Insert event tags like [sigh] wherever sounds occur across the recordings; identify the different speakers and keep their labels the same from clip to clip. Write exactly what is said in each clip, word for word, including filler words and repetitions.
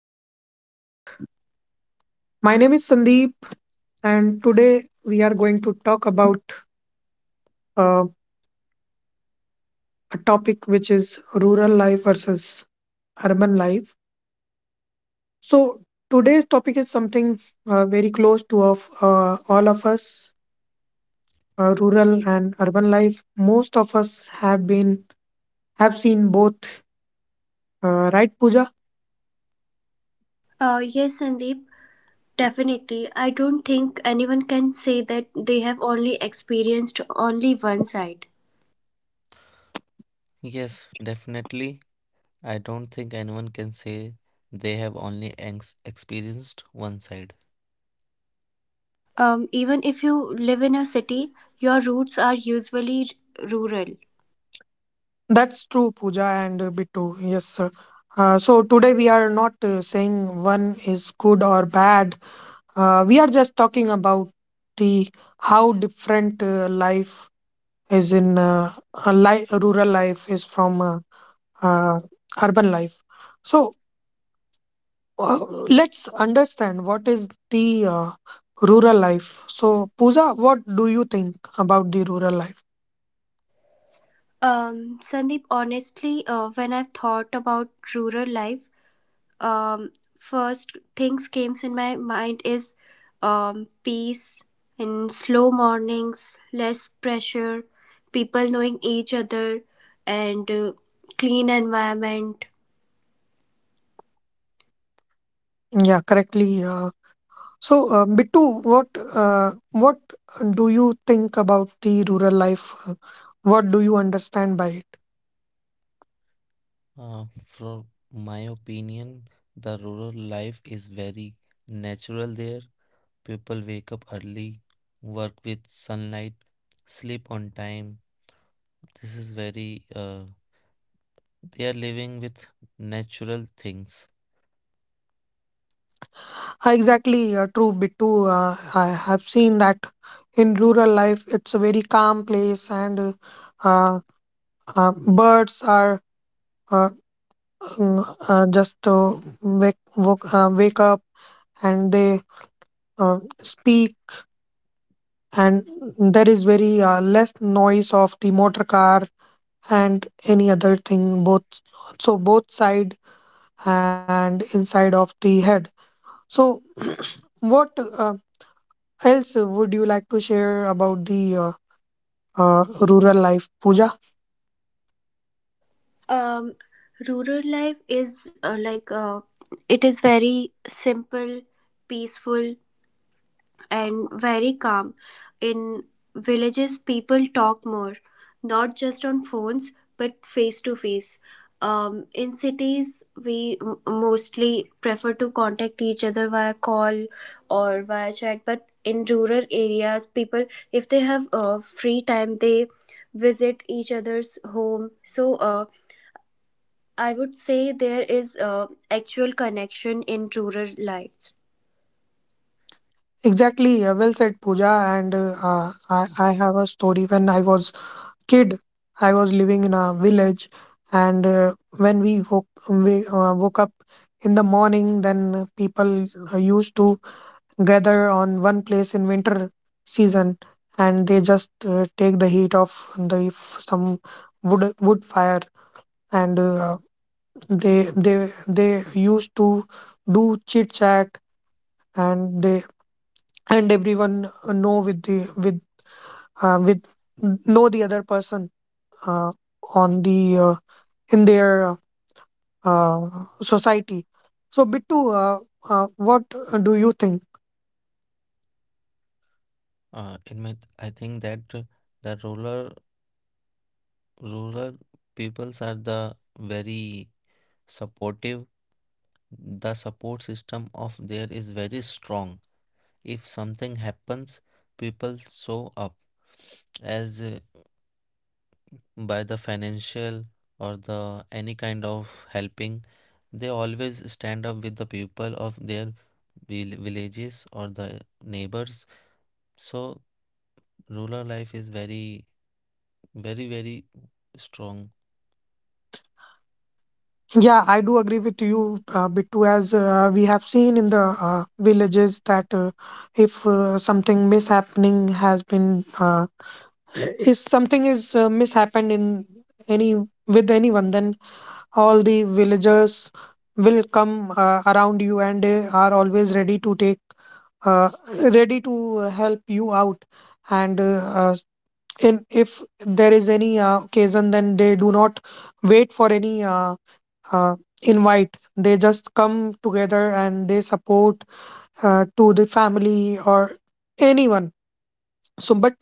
Speaker 1: to the podcast. My name is Sandeep, and today we are going to talk about uh, a topic which is rural life versus urban life. So, today's topic is something uh, very close to of, uh, all of us, uh, rural and urban life. Most of us have been have seen both, uh, right, Pooja?
Speaker 2: Uh, yes, Sandeep, definitely. I don't think anyone can say that they have only experienced only one side.
Speaker 3: Yes, definitely. I don't think anyone can say they have only ex- experienced one side.
Speaker 2: Um, even if you live in a city, your roots are usually r- rural.
Speaker 1: That's true, Pooja and uh, Bittu. Yes, sir. Uh, so today we are not uh, saying one is good or bad. Uh, we are just talking about the how different uh, life is in uh, a li- a rural life is from uh, uh, urban life. So uh, let's understand what is the uh, rural life. So Pooja, what do you think about the rural life?
Speaker 2: Um, Sandeep, honestly, uh, when I've thought about rural life, um, first things came in my mind is um, peace and slow mornings, less pressure, people knowing each other, and uh, clean environment.
Speaker 1: Yeah, correctly. Uh, so uh, Bittu, what uh, what do you think about the rural life? Uh, What do you understand by it?
Speaker 3: Uh, from my opinion, the rural life is very natural there. People wake up early, work with sunlight, sleep on time. This is very, uh, they are living with natural things.
Speaker 1: Uh, Exactly, uh, true, Bittu. Uh, I have seen that in rural life, it's a very calm place, and uh, uh, uh, birds are uh, mm, uh, just uh, wake, woke, uh, wake up, and they uh, speak, and there is very uh, less noise of the motor car and any other thing, both, so both side and inside of the head. So, [clears throat] what uh, else would you like to share about the? Uh, uh, rural life, Pooja?
Speaker 2: Um, Rural life is uh, like uh, it is very simple, peaceful, and very calm. In villages, people talk more, not just on phones, but face to face. Um, in cities, we m- mostly prefer to contact each other via call or via chat. But in rural areas, people, if they have uh, free time, they visit each other's home. So uh, I would say there is uh, actual connection in rural lives.
Speaker 1: Exactly. Uh, well said, Pooja. And uh, uh, I, I have a story. When I was kid, I was living in a village, and uh, when we woke we uh, woke up in the morning, then people uh, used to gather on one place in winter season, and they just uh, take the heat of the some wood wood fire, and uh, they they they used to do chit chat, and they and everyone know with the with uh, with know the other person uh, on the uh, in their uh, society. So bittu uh, uh, what do you think?
Speaker 3: Uh, in my, I think that uh, the rural, rural peoples are the very supportive. The support system of there is very strong. If something happens, people show up as uh, by the financial or the any kind of helping. They always stand up with the people of their vil- villages or the neighbors. So rural life is very, very, very strong.
Speaker 1: Yeah, I do agree with you, uh, Bittu. As uh, We have seen in the uh, villages that uh, if uh, something mishappening has been uh, if something is uh, mishappened in any with anyone, then all the villagers will come uh, around you, and they are always ready to take uh, ready to uh, help you out. and uh, uh, in, if there is any uh, occasion, then they do not wait for any uh, uh, invite. They just come together and they support, uh, to the family or anyone. So, but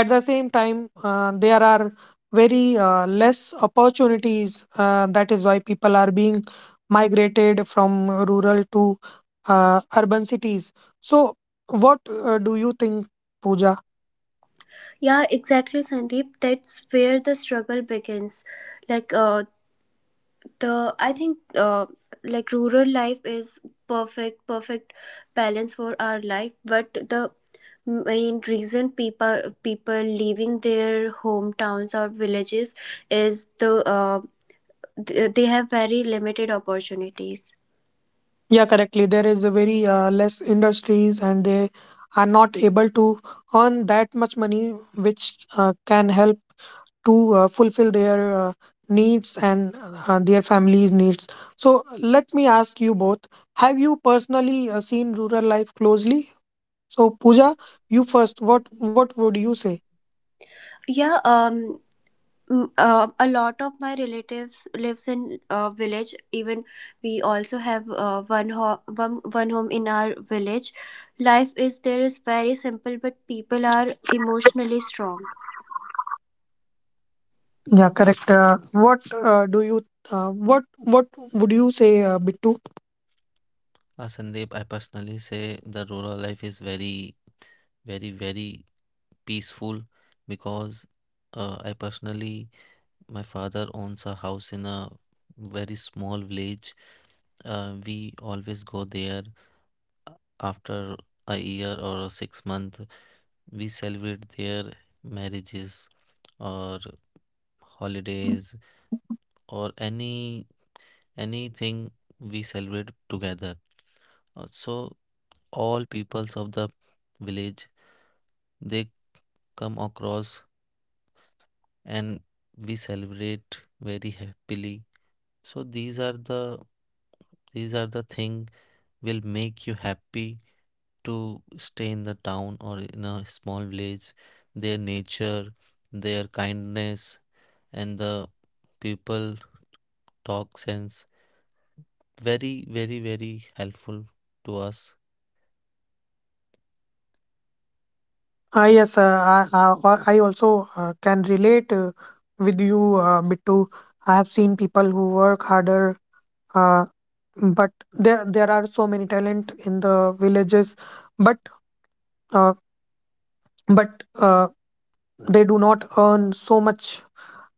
Speaker 1: at the same time, uh, there are very uh, less opportunities, uh, that is why people are being migrated from rural to uh, urban cities. So, what uh, do you think, Pooja?
Speaker 2: Yeah, exactly, Sandeep. That's where the struggle begins. Like uh, the, I think uh, like rural life is perfect, perfect balance for our life. But the main reason people people leaving their hometowns or villages is the uh, th- they have very limited opportunities.
Speaker 1: Yeah, correctly, there is a very uh, less industries, and they are not able to earn that much money which uh, can help to uh, fulfill their uh, needs and uh, their families' needs. So, let me ask you both, have you personally uh, seen rural life closely? So, Pooja, you first, what, what would you say?
Speaker 2: Yeah, um, Mm, uh, a lot of my relatives lives in uh, village. Even we also have uh, one, ho- one one home in our village. Life is there is very simple, but people are emotionally strong.
Speaker 1: Yeah, correct. Uh, what uh, do you uh, what what would you say, uh, Bittu?
Speaker 3: uh, Sandeep, I personally say the rural life is very, very, very peaceful, because uh, I personally my father owns a house in a very small village. Uh, we always go there after a year or a six month. We celebrate their marriages or holidays or any anything we celebrate together. Uh, So all peoples of the village they come across and we celebrate very happily. So these are the these are the thing. Will make you happy to stay in the town or in a small village. Their nature, their kindness, and the people talk sense. Very, very, very helpful to us.
Speaker 1: Ah, yes, uh, I, I, I also uh, can relate uh, with you, uh, Bittu. I have seen people who work harder, uh, but there there are so many talent in the villages, but uh, but uh, they do not earn so much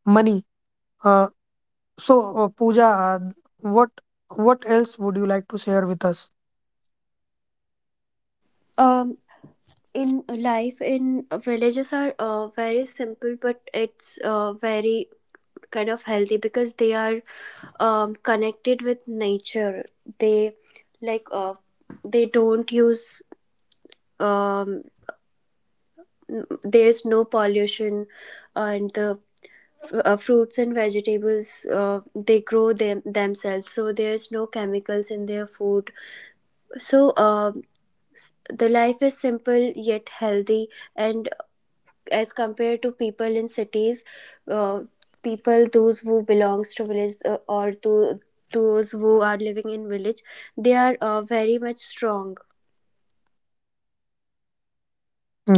Speaker 1: money. Uh, so uh, Pooja, uh, what what else would you like to share with us?
Speaker 2: um in life in villages are uh, very simple, but it's uh, very kind of healthy because they are um, connected with nature. They like uh, they don't use um, there's no pollution, and the f- uh, fruits and vegetables uh, they grow them themselves, so there's no chemicals in their food. So um, s- the life is simple yet healthy, and as compared to people in cities, uh, people those who belongs to village uh, or to those who are living in village, they are uh, very much strong.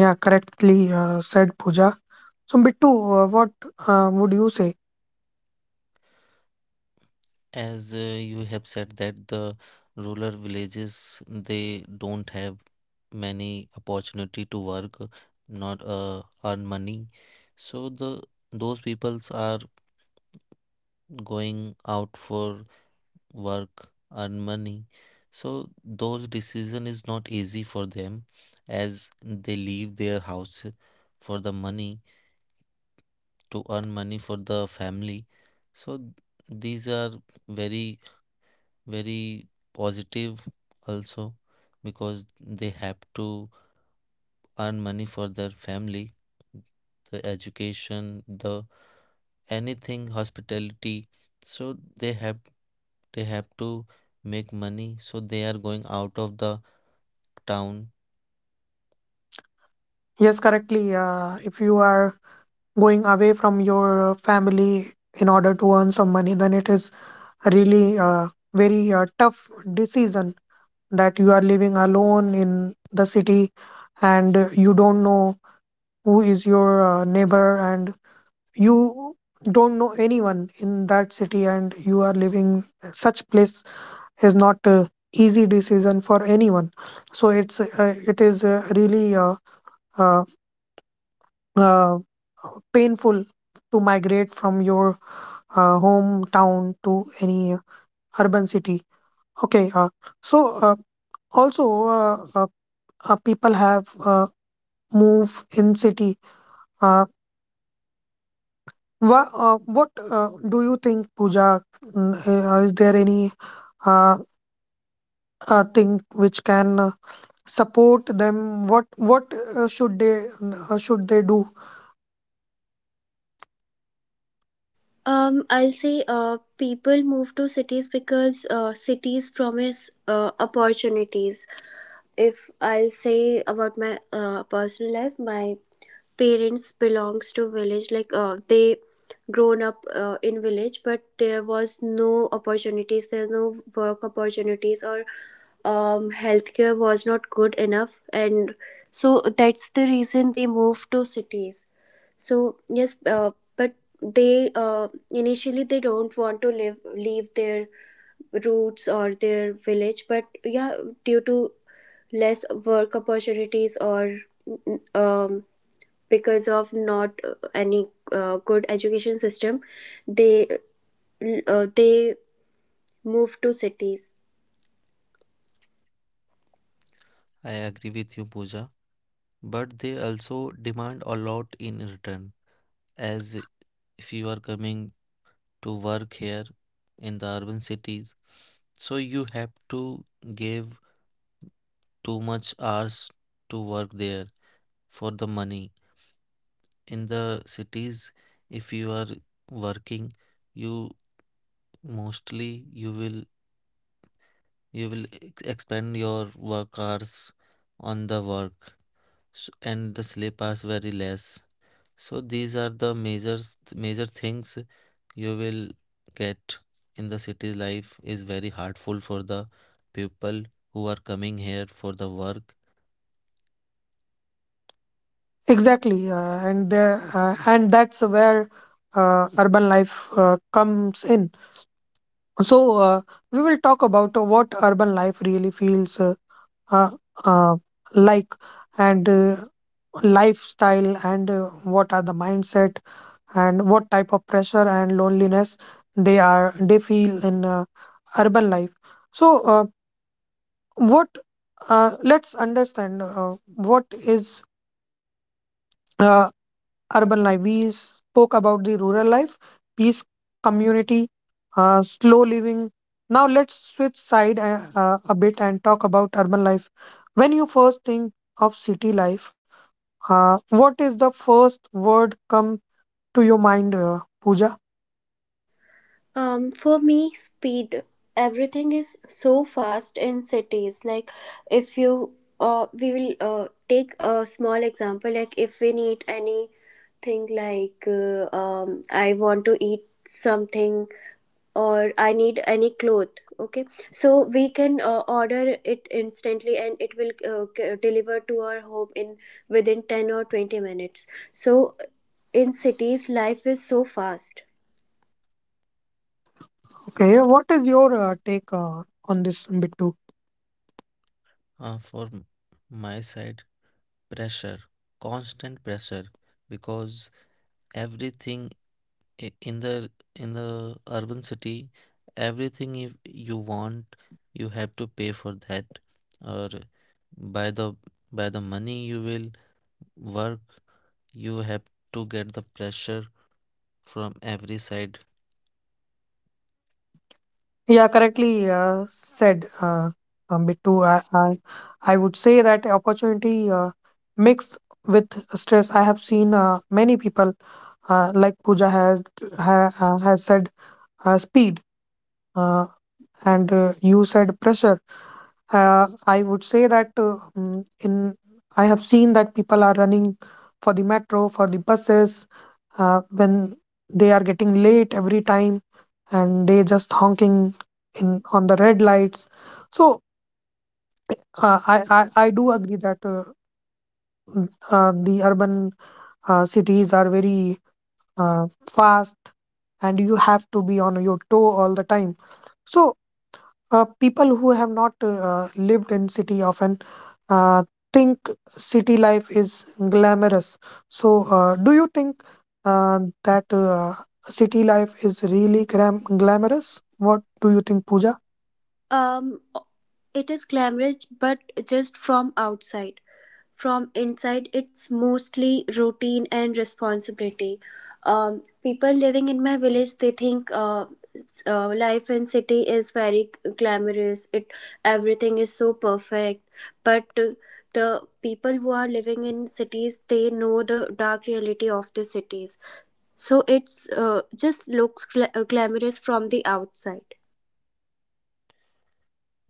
Speaker 1: Yeah, correctly uh, said, Pooja. So Bittu, uh, what uh, would you say?
Speaker 3: As uh, you have said that the rural villages they don't have many opportunity to work, not uh, earn money. So the those peoples are going out for work, earn money. So those decision is not easy for them, as they leave their house for the money, to earn money for the family. So th- these are very, very positive also, because they have to earn money for their family, the education, the anything hospitality. So they have they have to make money, so they are going out of the town.
Speaker 1: Yes, correctly, uh, if you are going away from your uh, family in order to earn some money, then it is really uh, very uh, tough decision, that you are living alone in the city, and uh, you don't know who is your uh, neighbor, and you don't know anyone in that city, and you are living such place, is not a easy decision for anyone. So it's uh, it is uh, really uh, uh, uh, painful to migrate from your uh, hometown to any uh, urban city. Okay, uh, so uh, also, uh, uh, uh, people have uh, move in city. Uh, wha- uh, what uh, do you think, Pooja? Mm, uh, Is there any uh, uh, thing which can uh, support them? What what uh, should they uh, should they do?
Speaker 2: Um, I'll say uh, people move to cities because uh, cities promise uh, opportunities. If I'll say about my uh, personal life, my parents belongs to village. Like uh, they grown up uh, in village, but there was no opportunities there, no work opportunities or um, healthcare was not good enough, and so that's the reason they moved to cities. So yes, uh, but they uh, initially they don't want to live leave their roots or their village, but yeah, due to less work opportunities or um, because of not uh, any uh, good education system, they uh, they move to cities.
Speaker 3: I agree with you, Pooja, but they also demand a lot in return. As if you are coming to work here in the urban cities, so you have to give too much hours to work there for the money in the cities. If you are working, you mostly you will You will e-, ex- expand your work hours on the work, s- and the sleep hours very less. So these are the majors major things you will get in the city life is very hurtful for the people who are coming here for the work.
Speaker 1: Exactly. Uh, and the- uh, and that's where uh, urban life uh, comes in. So, uh, we will talk about uh, what urban life really feels uh, uh, uh, like, and uh, lifestyle, and uh, what are the mindset, and what type of pressure and loneliness they are they feel in uh, urban life. So uh, what uh, let's understand uh, what is uh, urban life. We spoke about the rural life: peace, community, uh, slow living. Now let's switch side uh, uh, a bit and talk about urban life. When you first think of city life, uh, what is the first word come to your mind, uh, Pooja?
Speaker 2: Um, for me, speed. Everything is so fast in cities. Like, if you, uh, we will uh, take a small example. Like, if we need anything, like, uh, um, I want to eat something or I need any cloth. Okay, so we can uh, order it instantly, and it will uh, c- deliver to our home in within ten or twenty minutes. So, in cities, life is so fast.
Speaker 1: Okay, what is your uh, take uh, on this, Bittu?
Speaker 3: Uh, for m- my side, pressure, constant pressure, because everything i- in the in the urban city, everything, if you want, you have to pay for that, or by the by the money you will work, you have to get the pressure from every side.
Speaker 1: Yeah, correctly uh, said, uh, uh, Bittu. I, I, I would say that opportunity uh, mixed with stress. I have seen uh, many people, uh, like Pooja has ha, uh, has said, uh, speed, uh, and uh, you said pressure. Uh, I would say that uh, mm, in I have seen that people are running for the metro, for the buses, uh, when they are getting late every time, and they just honking in on the red lights. So uh, I, I I do agree that uh, mm, uh, the urban uh, cities are very uh, fast, and you have to be on your toe all the time. So uh, people who have not uh, lived in city often uh, think city life is glamorous. So, uh, do you think uh, that uh, city life is really gram- glamorous? What do you think, Pooja?
Speaker 2: Um, it is glamorous, but just from outside. From inside, it's mostly routine and responsibility. Um, people living in my village, they think uh, s- uh, life in city is very g- glamorous. It everything is so perfect, but uh, the people who are living in cities, they know the dark reality of the cities. So it's uh, just looks gla- uh, glamorous from the outside.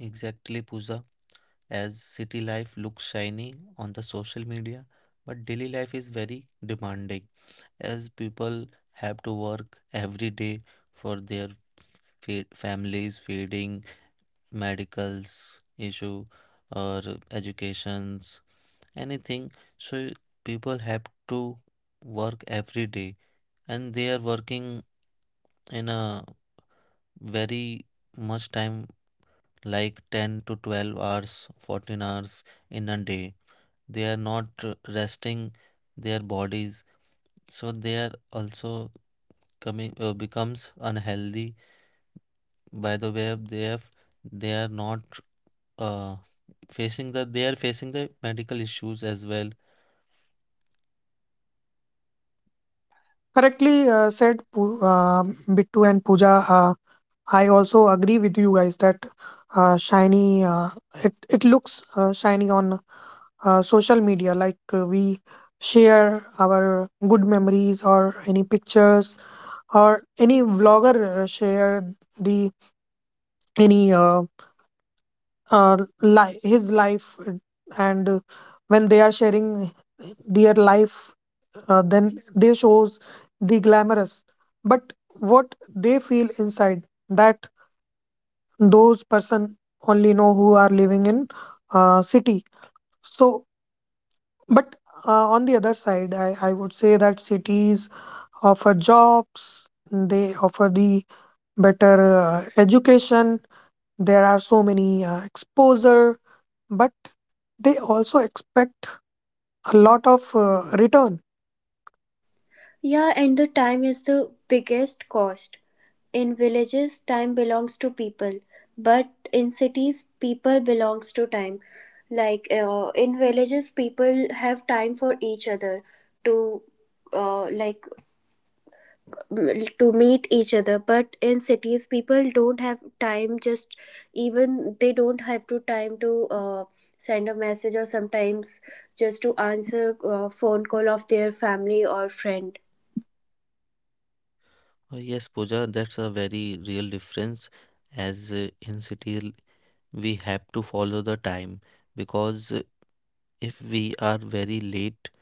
Speaker 3: Exactly, Pooja. As city life looks shiny on the social media, but daily life is very demanding, as people have to work every day for their fa- families feeding, medicals issue or educations, anything. So people have to work every day, and they are working in a very much time like ten to twelve hours, fourteen hours in a day. They are not uh, resting their bodies. So they are also coming uh, becomes unhealthy by the way of they have they are not uh facing the they are facing the medical issues as well.
Speaker 1: Correctly uh, said, Poo- uh, Bittu and Pooja. Uh, I also agree with you guys that uh, shiny. Uh, it it looks uh, shiny on uh, social media, like uh, we share our good memories or any pictures, or any vlogger uh, share the any uh, uh, li- his life, uh, and uh, when they are sharing their life, uh, then they shows the glamorous, but what they feel inside, that those person only know who are living in uh, city. So, but uh, on the other side, I, I would say that cities offer jobs, they offer the better uh, education. There are so many uh, exposure, but they also expect a lot of uh, return.
Speaker 2: Yeah, and the time is the biggest cost. In villages, time belongs to people, but in cities, people belongs to time. Like uh, in villages, people have time for each other to uh, like m- to meet each other. But in cities, people don't have time. Just even they don't have to time to uh, send a message, or sometimes just to answer uh phone call of their family or friend.
Speaker 3: Uh, yes, Pooja, that's a very real difference, as uh, in city l- we have to follow the time, because uh, if we are very late,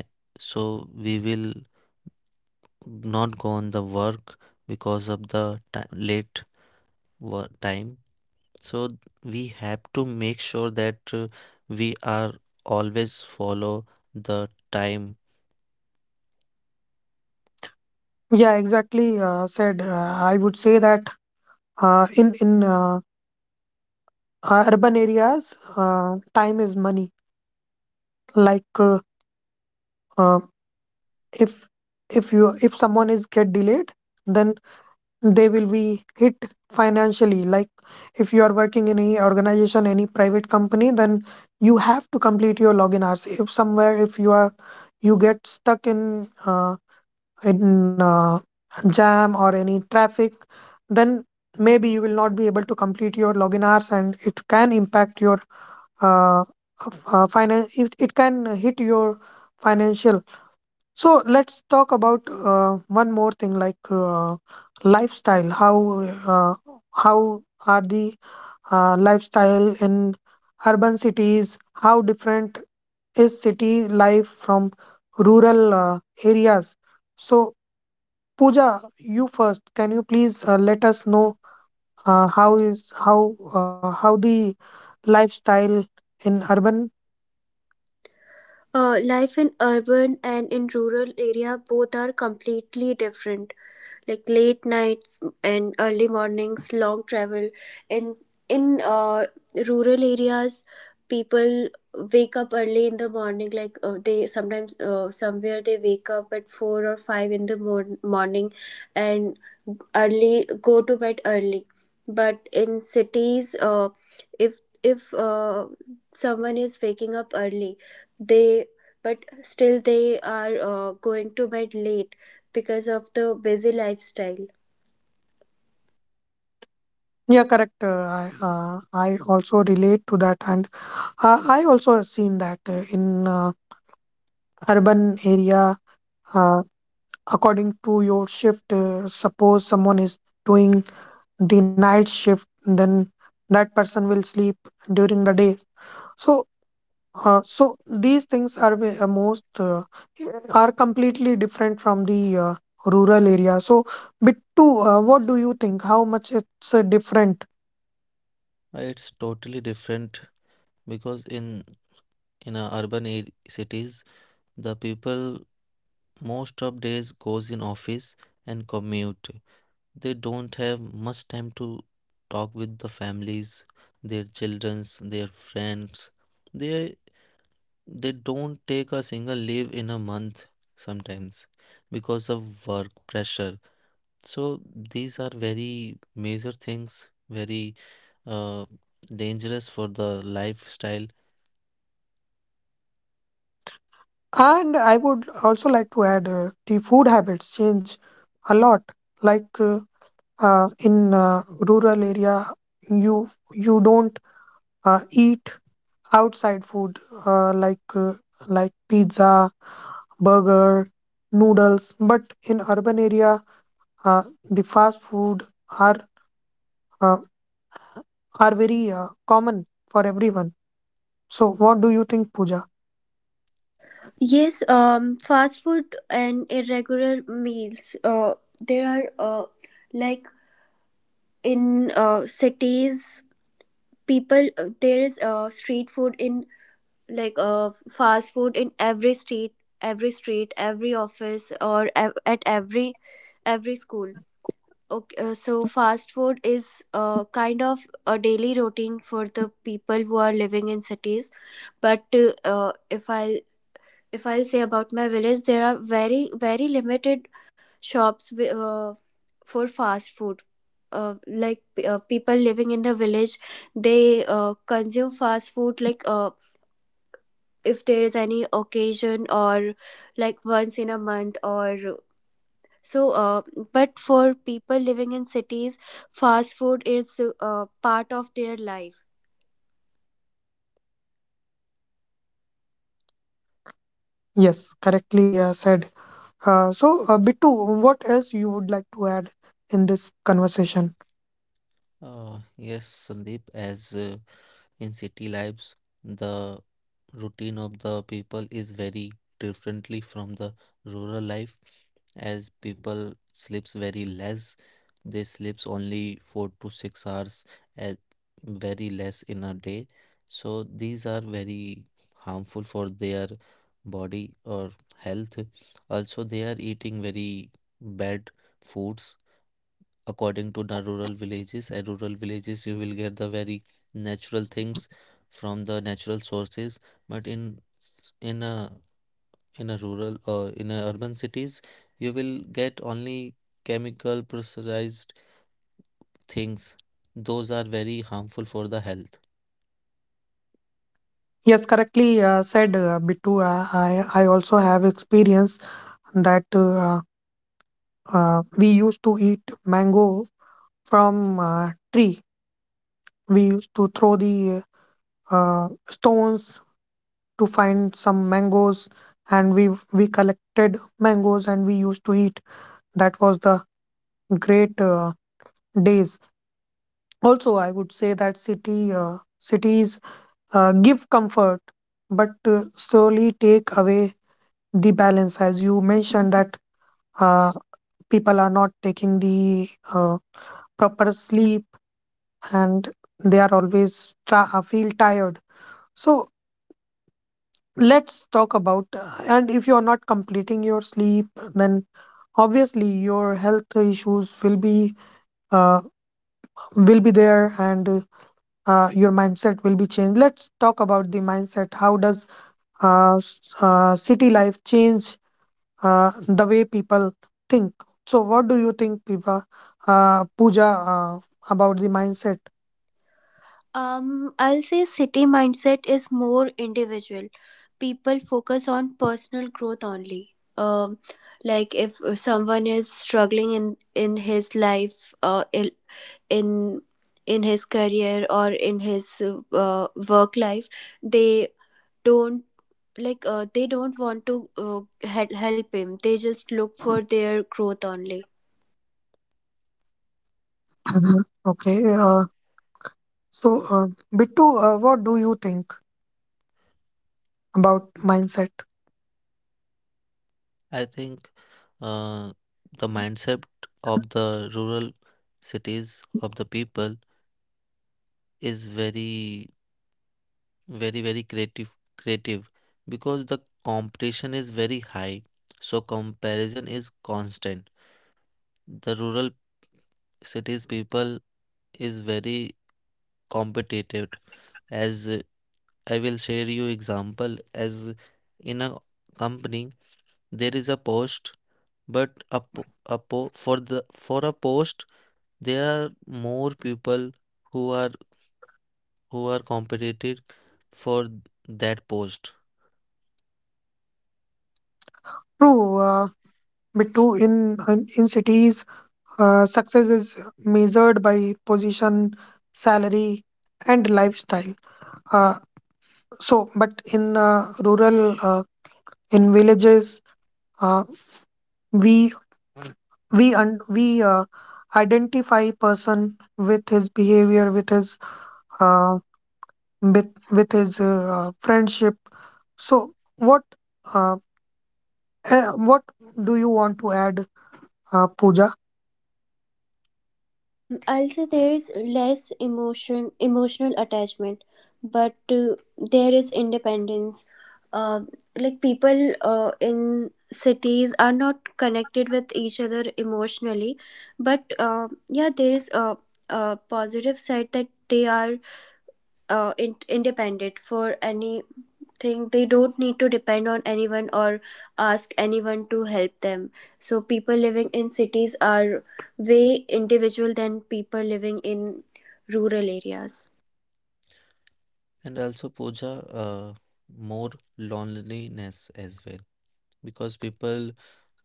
Speaker 3: eh, so we will not go on the work because of the ti- late work time. So th- we have to make sure that uh, we are always follow the time.
Speaker 1: Yeah, exactly. Uh, said. uh, I would say that uh, in in uh, uh, urban areas, uh, time is money. Like uh, uh, if if you if someone is get delayed, then they will be hit financially. Like if you are working in any organization, any private company, then you have to complete your login hours. If somewhere, if you are you get stuck in uh, in uh, jam or any traffic, then maybe you will not be able to complete your login hours, and it can impact your uh, uh, finance. It, it can hit your financial. So let's talk about uh, one more thing, like uh, lifestyle. How uh, how are the uh, lifestyle in urban cities? How different is city life from rural uh, areas? So Pooja, you first. Can you please uh, let us know uh, how is how uh, how the lifestyle in urban?
Speaker 2: Uh, life in urban and in rural area both are completely different. Like late nights and early mornings, long travel. In in uh, rural areas, people wake up early in the morning. Like uh, they sometimes uh, somewhere they wake up at four or five in the mor- morning, and early go to bed early. But in cities, uh, if if uh, someone is waking up early, they but still they are uh, going to bed late because of the busy lifestyle.
Speaker 1: Yeah, correct. Uh, I uh, I also relate to that. And Uh, I also have seen that uh, in uh, urban area, uh, according to your shift, uh, suppose someone is doing the night shift, then that person will sleep during the day. So, uh, so these things are ve- uh, most uh, are completely different from the uh, rural area. So, Bittu, uh, what do you think? How much it's uh, different?
Speaker 3: Uh, it's totally different because in in a urban ar- cities, the people most of days goes in office and commute. They don't have much time to talk with the families, their childrens, their friends. They they don't take a single leave in a month sometimes, because of work pressure. So these are very major things, very uh, dangerous for the lifestyle.
Speaker 1: And I would also like to add, uh, the food habits change a lot. Like uh, uh, in uh, rural area, you you don't uh, eat outside food, uh, like uh, like pizza, burger, noodles. But in urban area, uh, the fast food are uh, are very uh, common for everyone. So what do you think, Pooja?
Speaker 2: Yes, um fast food and irregular meals. Uh there are uh like in uh cities, people uh, there is uh street food in like uh fast food in every street, every street every office, or ev- at every every school. Okay, uh, so fast food is uh, kind of a daily routine for the people who are living in cities. But uh, uh, if I if I'll say about my village, there are very very limited shops wi- uh, for fast food. Uh, like uh, people living in the village, they uh, consume fast food like uh, if there is any occasion or like once in a month or so, uh, but for people living in cities, fast food is uh, part of their life.
Speaker 1: Yes, correctly uh, said. Uh, so uh, Bittu, what else you would like to add in this conversation?
Speaker 3: Uh, yes, Sandeep, as uh, in city lives, the routine of the people is very differently from the rural life, as people sleeps very less. They sleeps only four to six hours, as very less in a day. So these are very harmful for their body or health. Also, they are eating very bad foods, according to the rural villages, at rural villages you will get the very natural things from the natural sources. But in in a in a rural or in a urban cities, you will get only chemical pressurized things. Those are very harmful for the health.
Speaker 1: Yes, correctly uh, said, uh, Bittu. Uh, I I also have experience that uh, uh, we used to eat mango from uh, tree. We used to throw the uh, stones to find some mangoes, and we we collected mangoes and we used to eat. That was the great uh, days. Also, I would say that city uh, cities uh, give comfort, but uh, slowly take away the balance. As you mentioned that, uh, people are not taking the uh, proper sleep, and they are always tra- uh, feel tired. So let's talk about, uh, and if you are not completing your sleep, then obviously your health issues will be uh, will be there, and uh, your mindset will be changed. Let's talk about the mindset. How does uh, s- uh, city life change uh, the way people think? So what do you think, Pipa, uh, Pooja, uh, about the mindset?
Speaker 2: Um, I'll say city mindset is more individual. People focus on personal growth only. Um, like if someone is struggling in in his life, uh, in in in his career or in his uh, work life, they don't like uh, they don't want to uh, he- help him. They just look for their growth only.
Speaker 1: Mhm. Okay. Uh, So, uh, Bittu, uh, what do you think about mindset?
Speaker 3: I think uh, the mindset of the rural cities of the people is very, very, very creative, creative because the competition is very high. So comparison is constant. The rural cities people is very competitive. As uh, I will share you example, as in a company there is a post, but a, po- a po- for the for a post there are more people who are who are competitive for that post.
Speaker 1: True. uh, Bittu, in in in cities, uh, success is measured by position, salary, and lifestyle. Uh, so, but in uh, rural, uh, in villages, uh, we we un- we uh, identify person with his behavior, with his uh, with with his uh, friendship. So, what? uh, Uh, what do you want to add, uh, Pooja?
Speaker 2: Um also there is less emotion emotional attachment, but uh, there is independence. um like people uh, in cities are not connected with each other emotionally, but um yeah there is a, a positive side that they are uh, in- independent for any think. They don't need to depend on anyone or ask anyone to help them. So people living in cities are way individual than people living in rural areas.
Speaker 3: And also, Pooja, uh, more loneliness as well, because people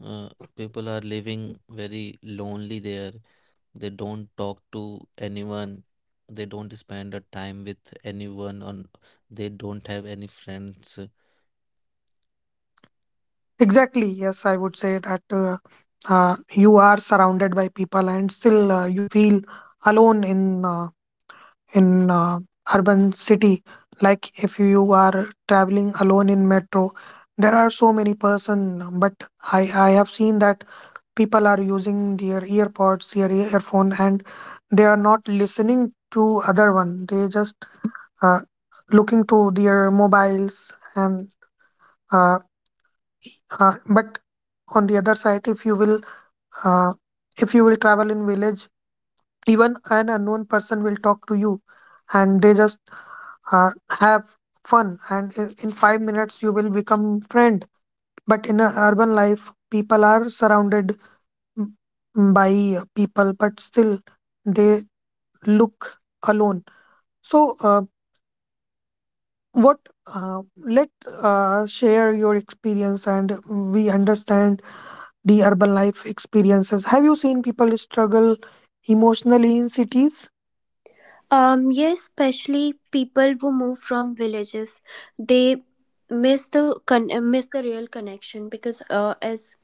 Speaker 3: uh, people are living very lonely there. They don't talk to anyone. They don't spend a time with anyone, on they don't have any friends. Uh,
Speaker 1: Exactly. Yes, I would say that uh, uh, you are surrounded by people, and still uh, you feel alone in uh, in uh, urban city. Like if you are traveling alone in metro, there are so many person. But I I have seen that people are using their earpods, their earphone, and they are not listening to other one. They just uh, looking to their mobiles and. Uh, Uh, but on the other side, if you will, uh, if you will travel in village, even an unknown person will talk to you, and they just uh, have fun, and in, in five minutes you will become friend. But in a urban life, people are surrounded m- by people, but still they look alone. So, uh, what? Uh, let uh, share your experience, and we understand the urban life experiences. Have you seen people struggle emotionally in cities?
Speaker 2: um Yes, especially people who move from villages, they miss the con- uh, miss the real connection because uh, as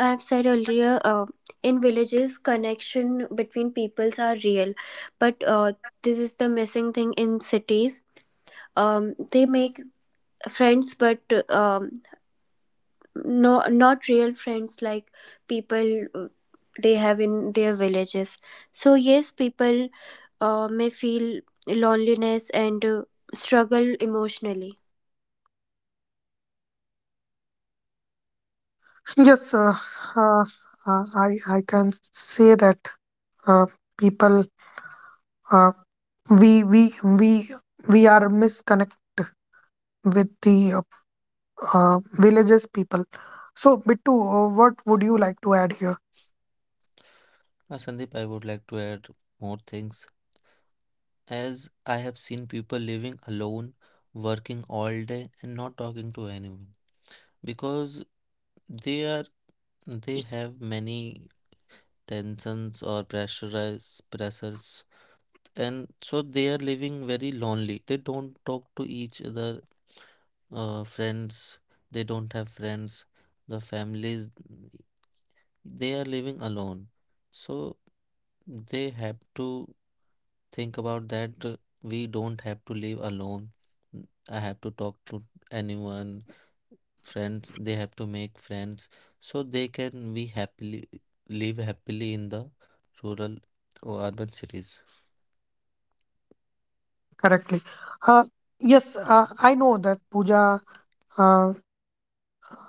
Speaker 2: I've said earlier, uh, in villages connection between peoples are real, but uh, this is the missing thing in cities. Um, they make friends, but um, no, not real friends like people uh, they have in their villages. So yes, people uh, may feel loneliness and uh, struggle emotionally.
Speaker 1: [laughs] Yes, uh, uh, uh, I I can say that uh, people uh, we we we we are misconnect with the uh, uh, villages people. So, Bittu, uh, what would you like to add here
Speaker 3: Sandeep, I would like to add more things. As I have seen people living alone, working all day and not talking to anyone, because they are they have many tensions or pressurize pressures. And so they are living very lonely, they don't talk to each other, uh, friends, they don't have friends, the families, they are living alone. So they have to think about that, uh, we don't have to live alone. N- I have to talk to anyone, friends. They have to make friends, so they can be happily live happily in the rural or urban cities.
Speaker 1: correctly? Uh, yes, uh, I know that, Pooja, uh,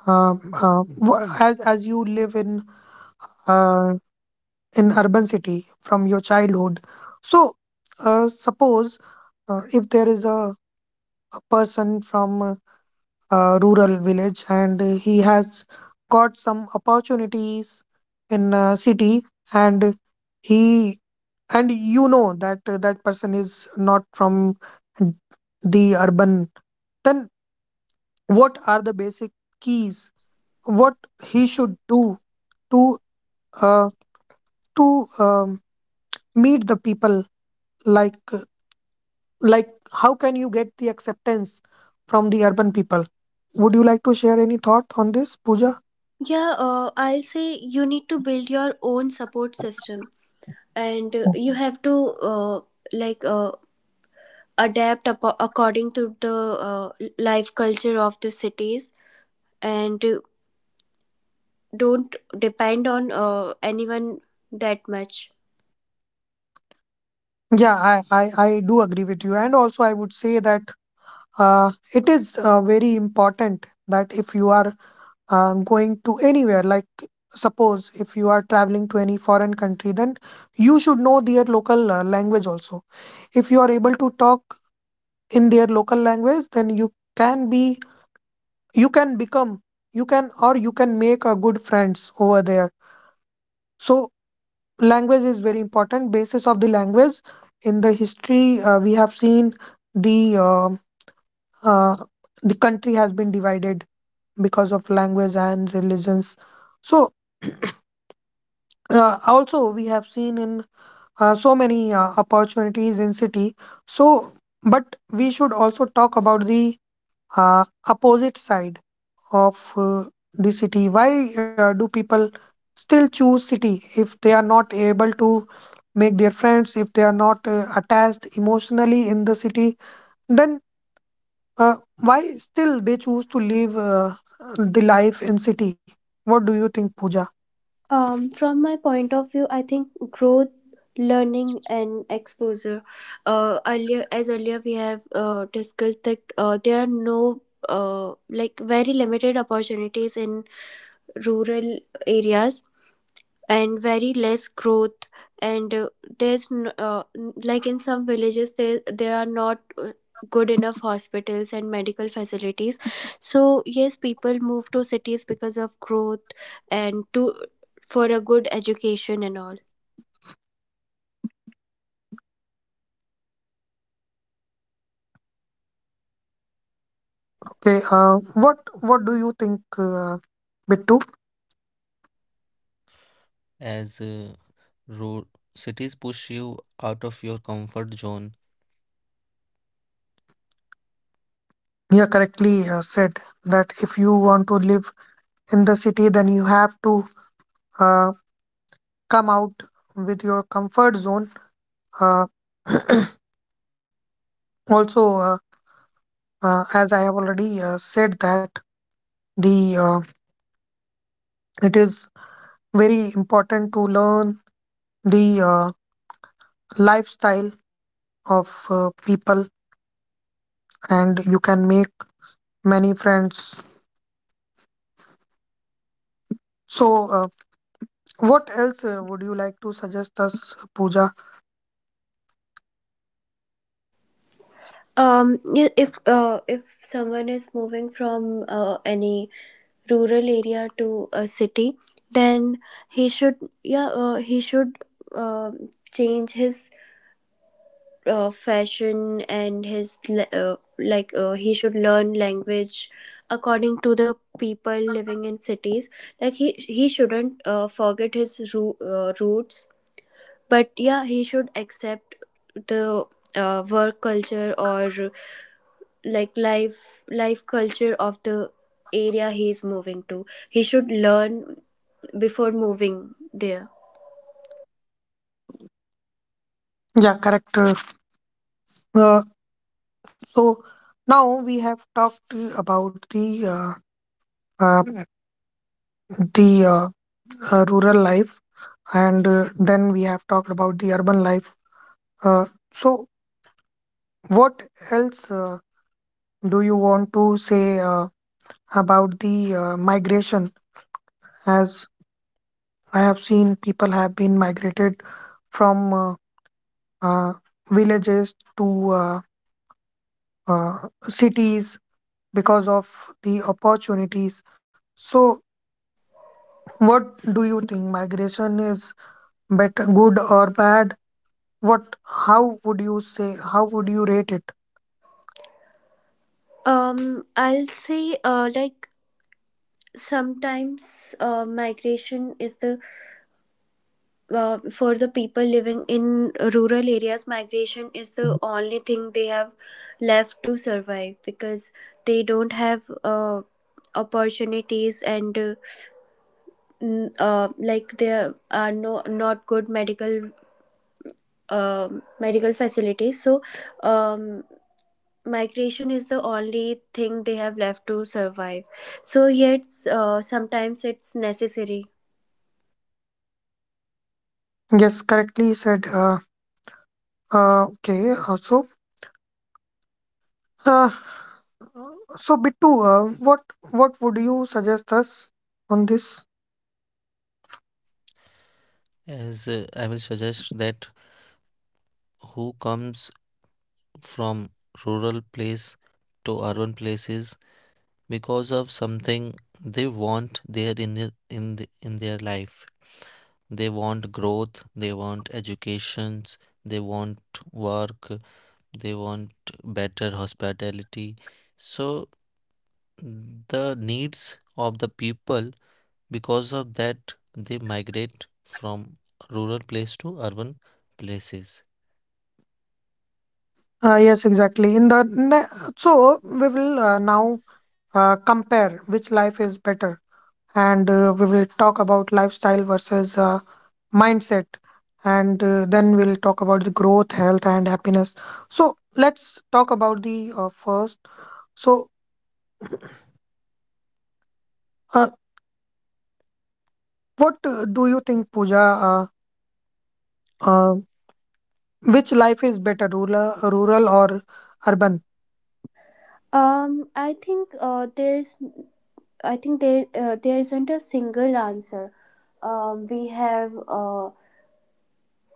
Speaker 1: uh, uh, wha- as as you live in uh, in urban city from your childhood. So uh, suppose uh, if there is a, a person from uh, a rural village, and he has got some opportunities in a city and he and you know that uh, that person is not from the urban. Then what are the basic keys what he should do to, uh, to um, meet the people, like like how can you get the acceptance from the urban people? Would you like to share any thought on this, Pooja?
Speaker 2: Yeah, uh, I'll say you need to build your own support system, and uh, you have to uh, like uh, adapt apo- according to the uh, life culture of the cities, and uh, don't depend on uh, anyone that much.
Speaker 1: Yeah, i i, I do agree with you, and also I would say that uh, it is uh, very important that if you are uh, going to anywhere, like suppose if you are traveling to any foreign country, then you should know their local uh, language also. If you are able to talk in their local language, then you can be you can become you can or you can make a good friends over there. So language is very important. Basis of the language, in the history uh, we have seen the uh, uh, the country has been divided because of language and religions. So uh, also we have seen in uh, so many uh, opportunities in city. So but we should also talk about the uh, opposite side of uh, the city. Why uh, do people still choose city if they are not able to make their friends, if they are not uh, attached emotionally in the city? Then uh, why still they choose to live uh, the life in city? What do you think, Pooja?
Speaker 2: Um, from my point of view, I think growth, learning, and exposure. Uh, earlier, as earlier we have uh, discussed that uh, there are no uh, like very limited opportunities in rural areas, and very less growth, and uh, there's n- uh, n- like in some villages there there are not uh, good enough hospitals and medical facilities. So yes, people move to cities because of growth, and to for a good education and all.
Speaker 1: Okay. Uh, what what do you think, uh, Bittu?
Speaker 3: As uh, ro- cities push you out of your comfort zone.
Speaker 1: You correctly uh, said that if you want to live in the city, then you have to uh, come out with your comfort zone. Uh, Also, uh, uh, as I have already uh, said, that the uh, it is very important to learn the uh, lifestyle of uh, people, and you can make many friends. So, uh, what else uh, would you like to suggest us, Pooja?
Speaker 2: Um yeah, if uh, if someone is moving from uh, any rural area to a city, then he should, yeah uh, he should uh, change his uh, fashion, and his le- uh, like uh, he should learn language according to the people living in cities. Like he he shouldn't uh, forget his roo- uh, roots, but yeah, he should accept the uh, work culture or like life life culture of the area he's moving to. He should learn before moving there.
Speaker 1: Yeah, correct. Uh, uh, so now we have talked uh, about the uh, uh, the uh, uh, rural life, and uh, then we have talked about the urban life. Uh, so what else uh, do you want to say uh, about the uh, migration? As I have seen, people have been migrated from uh, uh, villages to uh, uh, cities because of the opportunities. So, what do you think? Migration is better, good or bad? What? How would you say? How would you rate it?
Speaker 2: um I'll say uh like sometimes uh, migration is the uh, for the people living in rural areas, migration is the only thing they have left to survive because they don't have uh, opportunities, and uh, n- uh, like there are no not good medical um medical facilities. So um, migration is the only thing they have left to survive. So yet uh, sometimes it's necessary.
Speaker 1: Yes, correctly said. Uh, uh, okay. Uh, so. Uh, So Bittu, uh, what what would you suggest us on this?
Speaker 3: As uh, I will suggest that who comes from rural place to urban places because of something they want there, in their, in the, in their life. They want growth, they want educations, they want work, they want better hospitality. So the needs of the people, because of that they migrate from rural place to urban places.
Speaker 1: Uh, yes, exactly. In the ne- so we will uh, now uh, compare which life is better, and uh, we will talk about lifestyle versus uh, mindset, and uh, then we'll talk about the growth, health, and happiness. So let's talk about the uh, first. So uh, what uh, do you think, Pooja? Uh, uh, which life is better, rural, rural or urban?
Speaker 2: Um, I think uh, there's, I think there uh, there isn't a single answer. Um, we have uh,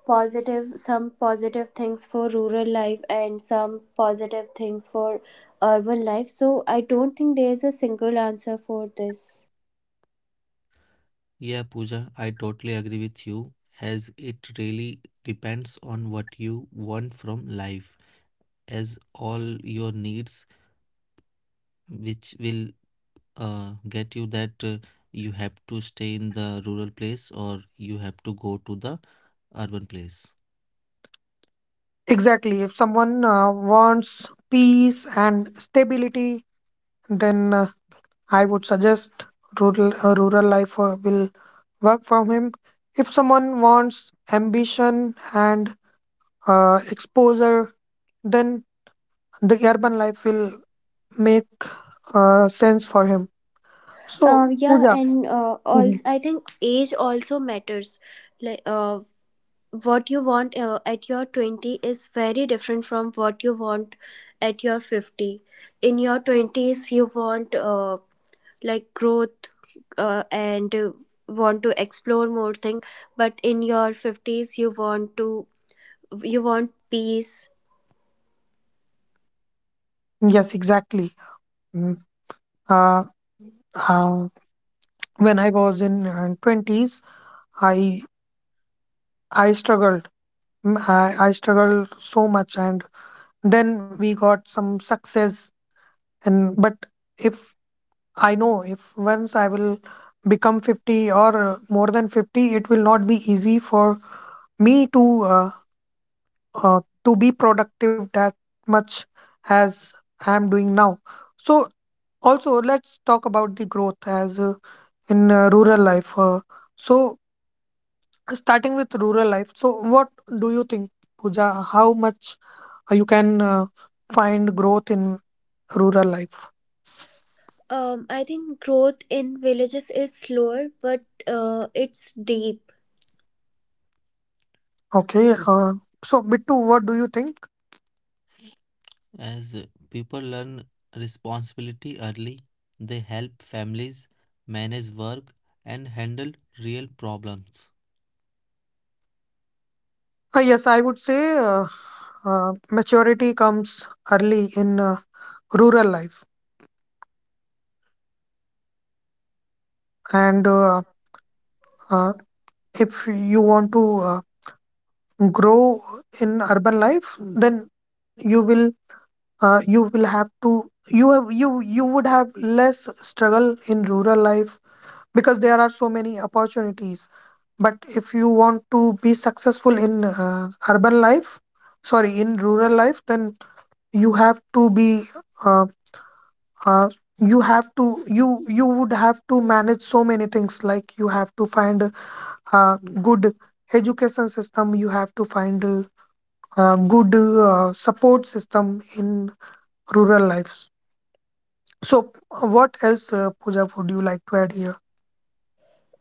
Speaker 2: positive some positive things for rural life and some positive things for urban life. So I don't think there's a single answer for this.
Speaker 3: Yeah, Pooja, I totally agree with you, as it really depends on what you want from life, as all your needs which will uh, get you that, uh, you have to stay in the rural place or you have to go to the urban place.
Speaker 1: Exactly. If someone uh, wants peace and stability, then uh, I would suggest rural. Uh, rural life uh, will work for him. If someone wants ambition and uh, exposure, then the urban life will make uh, sense for him. So,
Speaker 2: Um, yeah,
Speaker 1: Pooja.
Speaker 2: and uh,
Speaker 1: Mhm.
Speaker 2: also I think age also matters. Like uh, what you want uh, at your twenty is very different from what you want at your fifty. In your twenties, you want uh, like growth uh, and uh, want to explore more thing, but in your fifties you want to you want peace.
Speaker 1: Yes, exactly. Mm. Uh, uh, when I was in uh, twenties, I I struggled. Mm, I, I struggled so much, and then we got some success, and but if I know, if once I will become fifty, or uh, more than fifty, it will not be easy for me to, uh, uh, to be productive that much as I am doing now. So also let's talk about the growth. As uh, in uh, rural life, uh, so starting with rural life, so what do you think, puja how much uh, you can uh, find growth in rural life?
Speaker 2: um, I think growth in villages is slower but uh, it's deep.
Speaker 1: Okay. Uh, so, Bittu, what do you think?
Speaker 3: As uh, people learn responsibility early, they help families manage work and handle real problems.
Speaker 1: Uh, yes, I would say uh, uh, maturity comes early in uh, rural life. And uh, uh, if you want to uh, grow in urban life, then you will uh, you will have to you have you you would have less struggle in rural life, because there are so many opportunities. But if you want to be successful in uh, urban life, sorry, in rural life, then you have to be uh, uh, you have to you you would have to manage so many things, like you have to find a uh, good education system, you have to find a, uh good uh, support system in rural lives. So uh, what else, uh, Pooja, would you like to add here?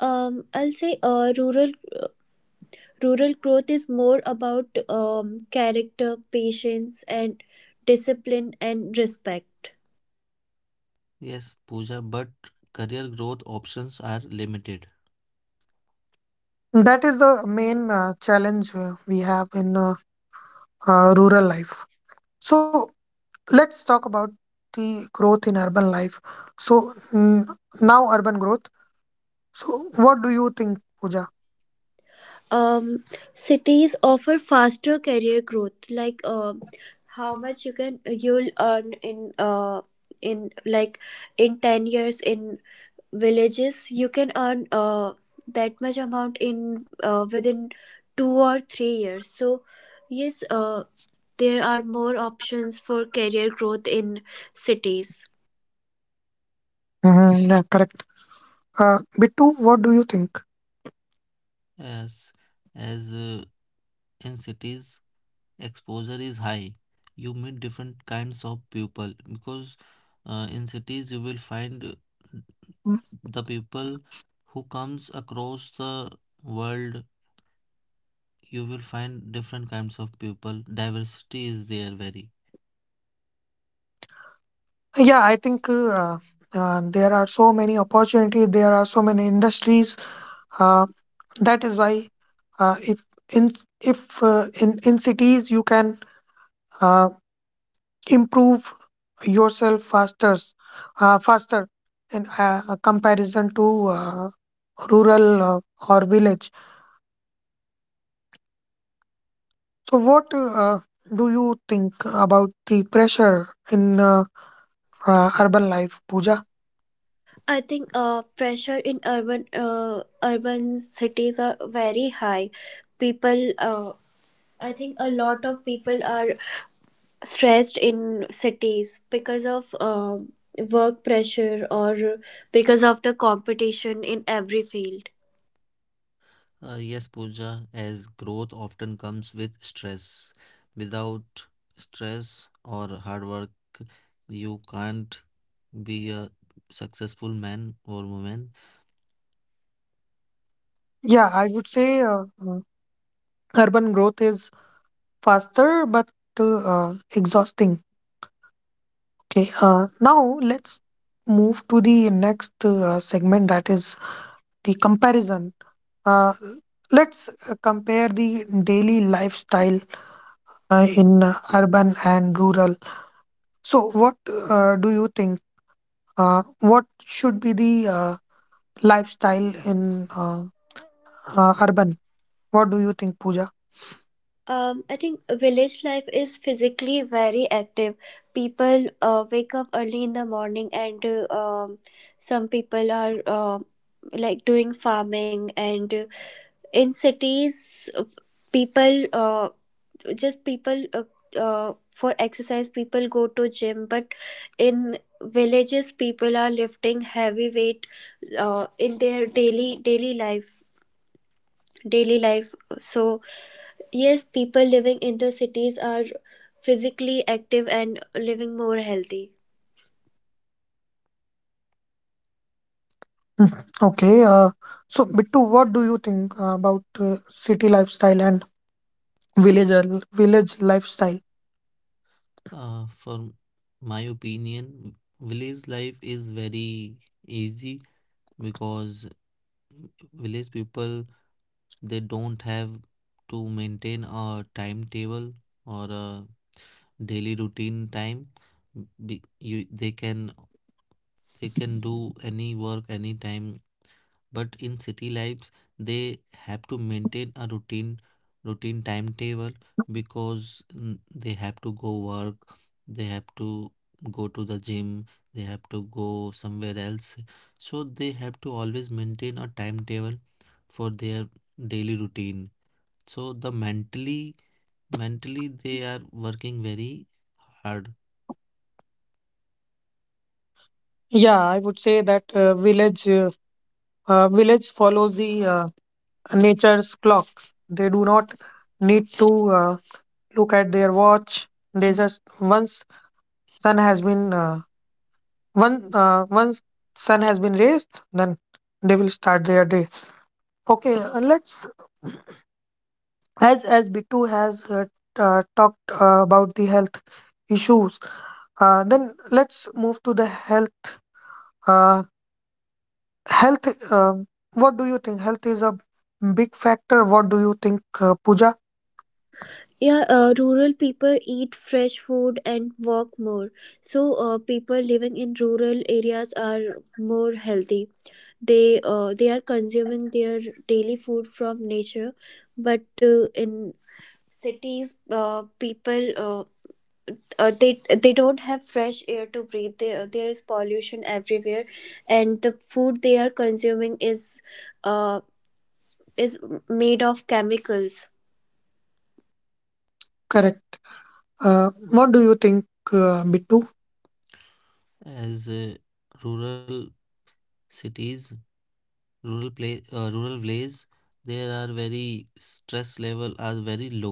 Speaker 2: Um, I'll say uh, Rural Rural growth is more about um, character, patience, and discipline and respect.
Speaker 3: Yes, Puja, but career growth options are limited.
Speaker 1: That is the main uh, challenge uh, we have in uh, uh, rural life. So let's talk about the growth in urban life. So mm, now urban growth. So, what do you think, Pooja?
Speaker 2: Um, Cities offer faster career growth, like um, how much you can you'll earn in uh, in like in ten years. In villages, you can earn uh, that much amount in uh, within two or three years. So yes, uh, there are more options for career growth in cities.
Speaker 1: Mm-hmm. Yeah, correct. Uh, Bittu, what do you think?
Speaker 3: As as uh, in cities exposure is high, you meet different kinds of people, because uh, in cities you will find uh,
Speaker 1: Mm,
Speaker 3: the people who comes across the world. You will find different kinds of people. Diversity is there, very.
Speaker 1: yeah, I think uh, uh, there are so many opportunities. There are so many industries. Uh, that is why, uh, if in if uh, in in cities you can uh, improve yourself faster, uh, faster in uh, comparison to uh, rural uh, or village. So, what uh, do you think about the pressure in uh, uh, urban life, Pooja?
Speaker 2: I think uh, pressure in urban uh, urban cities are very high. People, uh, I think a lot of people are stressed in cities because of um work pressure or because of the competition in every field.
Speaker 3: Uh, yes, Pooja. As growth often comes with stress. Without stress or hard work, you can't be a successful man or woman.
Speaker 1: Yeah, I would say uh, uh, urban growth is faster but, uh, uh, exhausting. Okay. Uh, now let's move to the next uh, segment, that is the comparison. Uh, let's uh, compare the daily lifestyle uh, in uh, urban and rural. So, what uh, do you think? Uh, what should be the uh, lifestyle in uh, uh, urban? What do you think, Pooja?
Speaker 2: Um, I think village life is physically very active. People uh, wake up early in the morning, and uh, um, some people are uh, like doing farming. And uh, in cities, uh, people uh, just people uh, uh, for exercise, people go to gym. But in villages, people are lifting heavy weight uh, in their daily daily life daily life. So yes, people living in the cities are physically active and living more healthy.
Speaker 1: Mm, okay. Uh, so, Bittu, what do you think uh, about uh, city lifestyle and village al- village lifestyle?
Speaker 3: Uh, for my opinion, village life is very easy, because village people they don't have to maintain a timetable or a daily routine time. Be, you, they can they can do any work anytime. But in city lives, they have to maintain a routine routine timetable, because mm, they have to go work, they have to go to the gym, they have to go somewhere else. So they have to always maintain a timetable for their daily routine. So the mentally mentally they are working very hard.
Speaker 1: Yeah, I would say that uh, village uh, uh, village follows the uh, nature's clock. They do not need to uh, look at their watch. They just once sun has been uh, one uh, once sun has been raised, then they will start their day. Okay, uh, let's as as Bittu has uh, t- uh, talked uh, about the health issues. Uh, then let's move to the health. Uh, health. Um what do you think? Health is a big factor. What do you think, uh, Pooja?
Speaker 2: Yeah, uh, rural people eat fresh food and walk more. So, uh, people living in rural areas are more healthy. They uh, they are consuming their daily food from nature, but uh, in cities, uh, people uh, uh, they they don't have fresh air to breathe. there there is pollution everywhere, and the food they are consuming is uh, is made of chemicals.
Speaker 1: Correct. Uh, what do you think, uh, Bittu?
Speaker 3: As uh, rural cities rural play uh, rural village, there are very stress level are very low,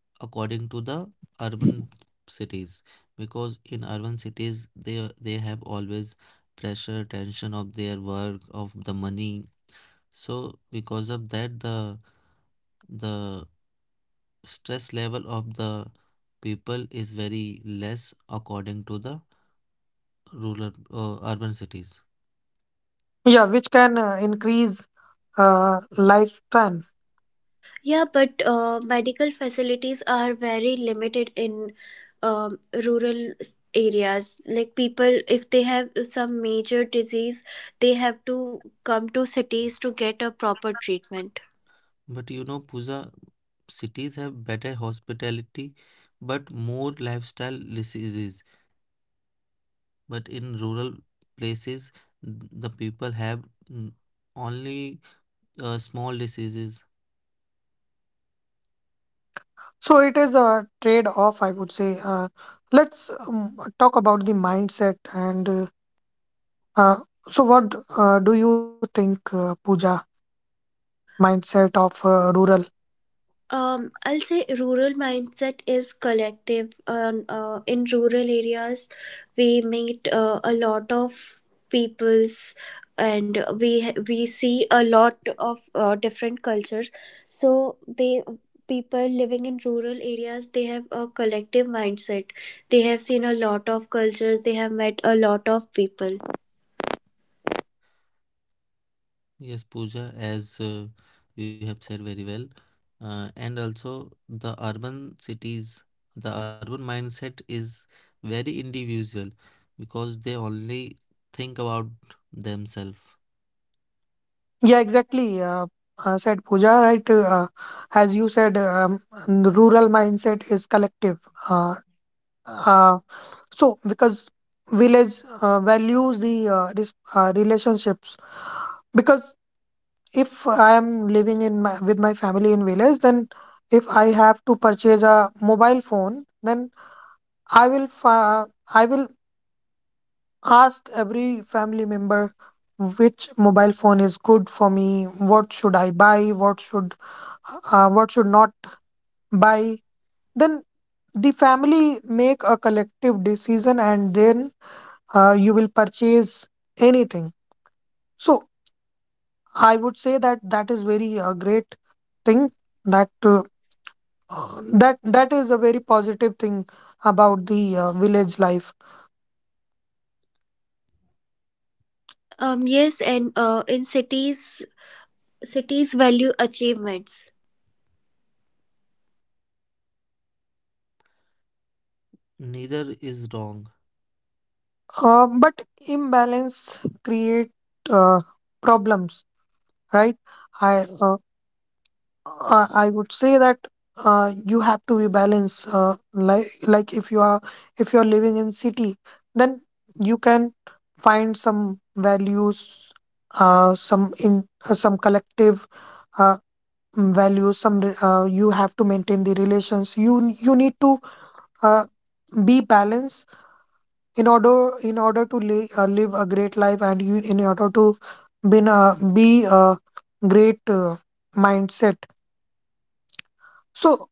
Speaker 3: according to the urban cities. Because in urban cities, they they have always pressure, tension of their work, of the money. So because of that, the the stress level of the people is very less according to the rural uh, urban cities.
Speaker 1: Yeah, which can uh, increase uh, lifespan.
Speaker 2: Yeah, but uh, medical facilities are very limited in um, rural s- areas. Like people if they have some major disease, they have to come to cities to get a proper treatment.
Speaker 3: But you know, Pooja, cities have better hospitality, but more lifestyle diseases. But in rural places, the people have mm, only uh, small diseases.
Speaker 1: So it is a trade-off, I would say. Uh, let's um, talk about the mindset. And uh, uh, so what uh, do you think, uh, Pooja? Mindset of uh, rural.
Speaker 2: um, I'll say rural mindset is collective. Um, uh, in rural areas, we meet uh, a lot of peoples, and we we see a lot of uh, different cultures. So they people living in rural areas they have a collective mindset. They have seen a lot of cultures. They have met a lot of people.
Speaker 3: Yes, Pooja, as uh, you have said very well. Uh, and also, the urban cities, the urban mindset is very individual, because they only think about themselves.
Speaker 1: Yeah, exactly. Uh, uh, said Pooja, right? Uh, as you said, um, the rural mindset is collective. Uh, uh, so, because village uh, values the uh, this, uh, relationships. Because if I am living in my, with my family in village, then if I have to purchase a mobile phone, then I will fa- I will ask every family member which mobile phone is good for me, what should I buy, what should uh, what should not buy, then the family make a collective decision and then uh, you will purchase anything. So I would say that that is very uh, great thing that uh, that that is a very positive thing about the uh, village life.
Speaker 2: Um, yes, and uh, in cities cities value achievements.
Speaker 3: Neither is wrong.
Speaker 1: Uh, but imbalance create uh, problems, right? I uh, Uh, I would say that uh, you have to be balanced. Uh, like like if you are if you are living in city, then you can find some values, uh, some in uh, some collective uh, mm, values. Some re- uh, you have to maintain the relations. You you need to uh, be balanced in order in order to li- uh, live a great life, and you in order to be uh, be a great uh, mindset. So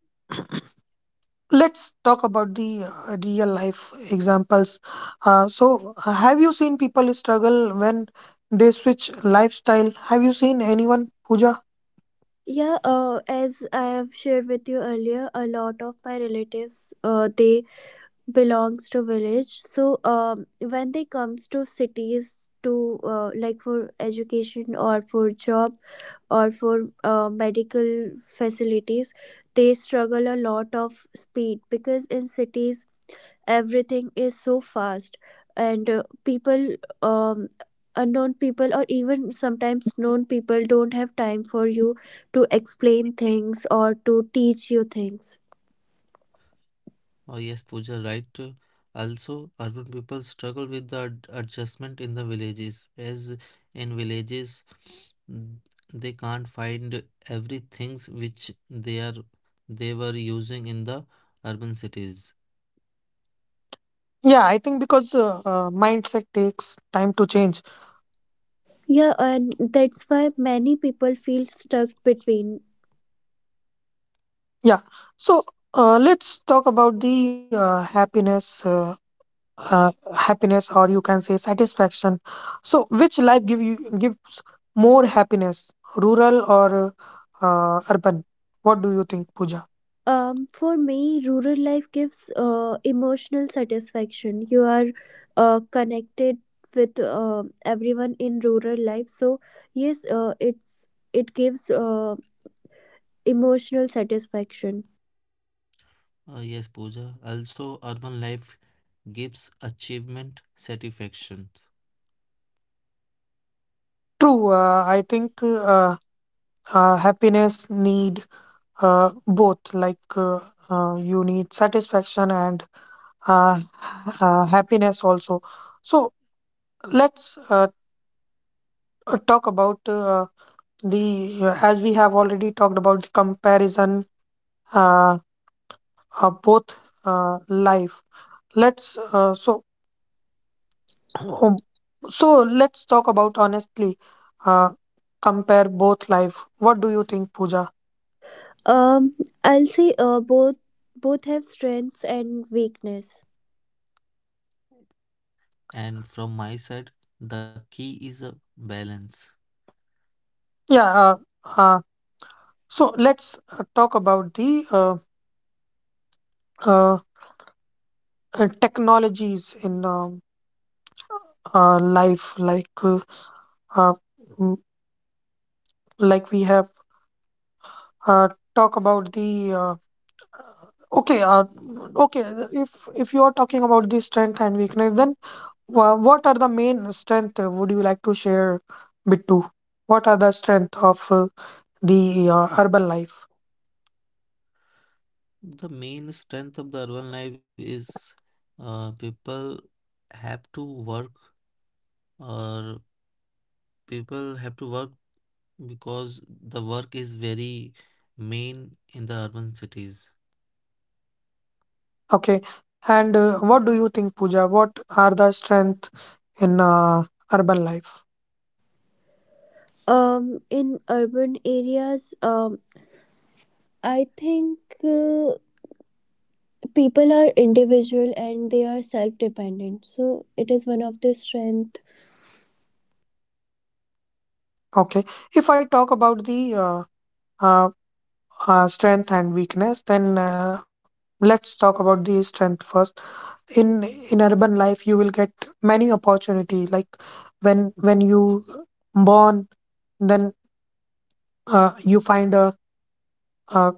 Speaker 1: let's talk about the uh, real life examples. Uh, so, uh, have you seen people struggle when they switch lifestyle? Have you seen anyone, Pooja?
Speaker 2: Yeah, uh, as I have shared with you earlier, a lot of my relatives uh, they belongs to village. So um, when they comes to cities to uh, like for education or for job or for uh, medical facilities, they struggle a lot of speed because in cities everything is so fast, and uh, people um unknown people or even sometimes known people don't have time for you to explain things or to teach you things.
Speaker 3: Oh, yes, Pooja, right. Uh, Also, urban people struggle with the ad- adjustment in the villages, as in villages, n- they can't find everything which they are they were using in the urban cities.
Speaker 1: Yeah, I think because uh, uh, mindset takes time to change.
Speaker 2: Yeah, and that's why many people feel stuck between.
Speaker 1: Yeah. So, uh, let's talk about the uh, happiness. Uh, uh, happiness, or you can say satisfaction, so which life give you gives more happiness, rural or uh, urban? What do you think, pooja?
Speaker 2: Um for me, rural life gives uh, emotional satisfaction. You are uh, connected with uh, everyone in rural life. So yes uh, it's it gives uh, emotional satisfaction.
Speaker 3: Uh, yes, Pooja. Also, urban life gives achievement satisfactions.
Speaker 1: True. uh, I think uh, uh, happiness need uh, both. Like uh, uh, you need satisfaction and uh, [laughs] uh, happiness also. So let's uh, uh, talk about uh, the uh, as we have already talked about the comparison uh, of both uh, life. Let's uh, so [clears throat] So let's talk about honestly uh, compare both life. What do you think, Pooja?
Speaker 2: um I'll say uh, both both have strengths and weakness.
Speaker 3: And from my side, the key is a balance.
Speaker 1: Yeah. Uh, uh, So let's uh, talk about the uh, uh, uh, technologies in um, uh, life, like uh, uh, mm, like we have uh, talk about the uh, okay, uh, okay. If if you are talking about the strength and weakness, then wha- what are the main strength? uh, Would you like to share, Bittu? What are the strength of uh, the uh, urban life?
Speaker 3: The main strength of the urban life is uh, people have to work, or people have to work, because the work is very main in the urban cities.
Speaker 1: Okay, and uh, what do you think, Pooja? What are the strength in uh, urban life?
Speaker 2: Um in urban areas, um I think uh, people are individual and they are self dependent, so it is one of the strength.
Speaker 1: Okay. If I talk about the uh, uh, uh, strength and weakness, then uh, let's talk about the strength first. In in urban life, you will get many opportunity. Like when when you born, then uh, you find a, a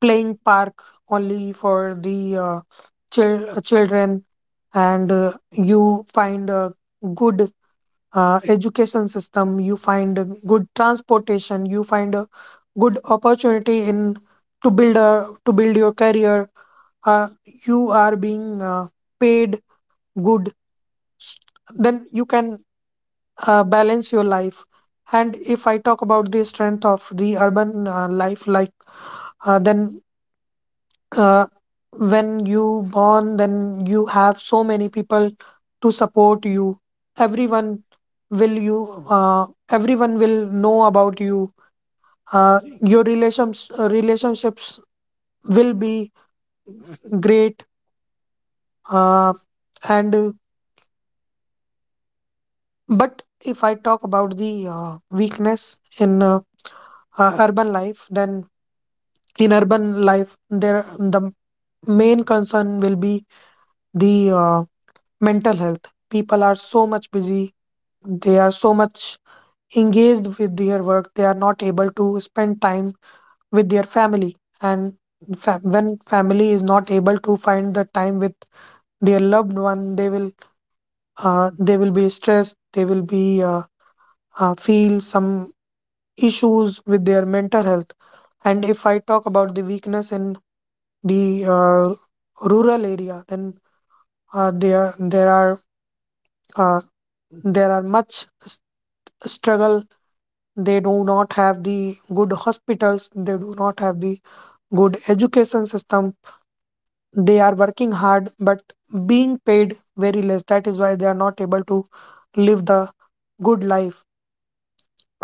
Speaker 1: playing park only for the uh, chil- children, and uh, you find a good uh, education system, you find a good transportation, you find a good opportunity in to build a to build your career. Uh, you are being uh, paid good, then you can uh, balance your life. And if I talk about the strength of the urban uh, life, like uh, then uh, when you born, then you have so many people to support you. Everyone will you uh, Everyone will know about you, uh, your relations uh, relationships will be great, uh, and uh, but if I talk about the uh, weakness in uh, uh, urban life, then in urban life there the main concern will be the uh, mental health. People are so much busy, they are so much engaged with their work, they are not able to spend time with their family, and fa- when family is not able to find the time with their loved one, they will uh, they will be stressed, they will be uh, uh, feel some issues with their mental health. And if I talk about the weakness in the uh, rural area, then uh, there there are uh, there are much s- struggle. They do not have the good hospitals, they do not have the good education system, they are working hard but being paid very less, that is why they are not able to live the good life.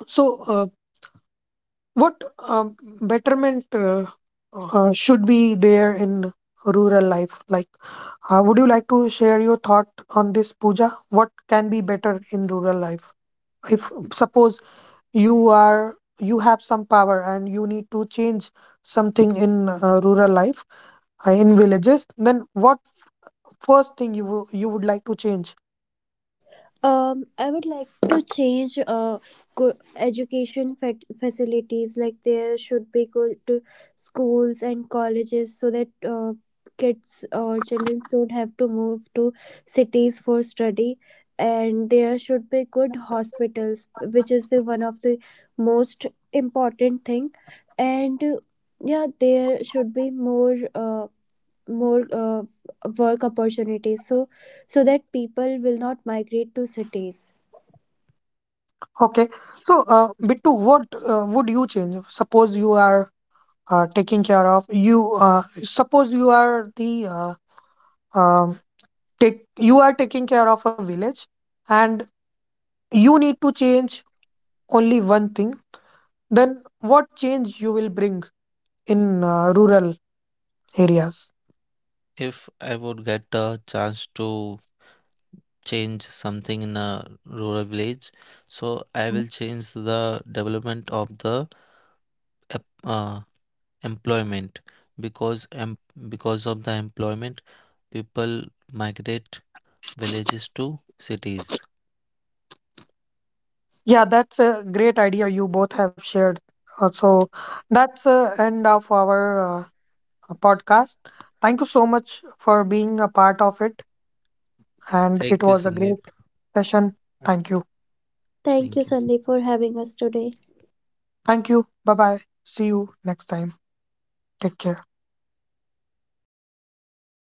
Speaker 1: So uh, what um, betterment uh, uh, should be there in rural life? Like, uh, would you like to share your thought on this, Pooja? What can be better in rural life? If suppose you are you have some power and you need to change something in uh, rural life uh, in villages, then what first thing you wo- you would like to change?
Speaker 2: Um, I would like to change uh, go- education fat- facilities. Like there should be good to schools and colleges so that uh, kids or children don't have to move to cities for study. And there should be good hospitals, which is the one of the most important thing. And uh, yeah, there should be more. Uh, more uh, work opportunities so so that people will not migrate to cities.
Speaker 1: Okay, so uh, Bittu, what uh, would you change? Suppose you are uh, taking care of you uh, suppose you are the uh, um, take you are taking care of a village, and you need to change only one thing, then what change you will bring in uh, rural areas?
Speaker 3: If I would get a chance to change something in a rural village, so I will change the development of the ep- uh, employment, because em- because of the employment people migrate villages to cities.
Speaker 1: Yeah, that's a great idea you both have shared. Uh, so that's the end of our uh, podcast. Thank you so much for being a part of it,
Speaker 3: Thank you,
Speaker 1: and it was a
Speaker 3: Sandeep.
Speaker 1: great session. Thank you.
Speaker 3: Thank you.
Speaker 2: Thank you, Sandeep, for having us today.
Speaker 1: Thank you. Bye bye, see you next time. Take care.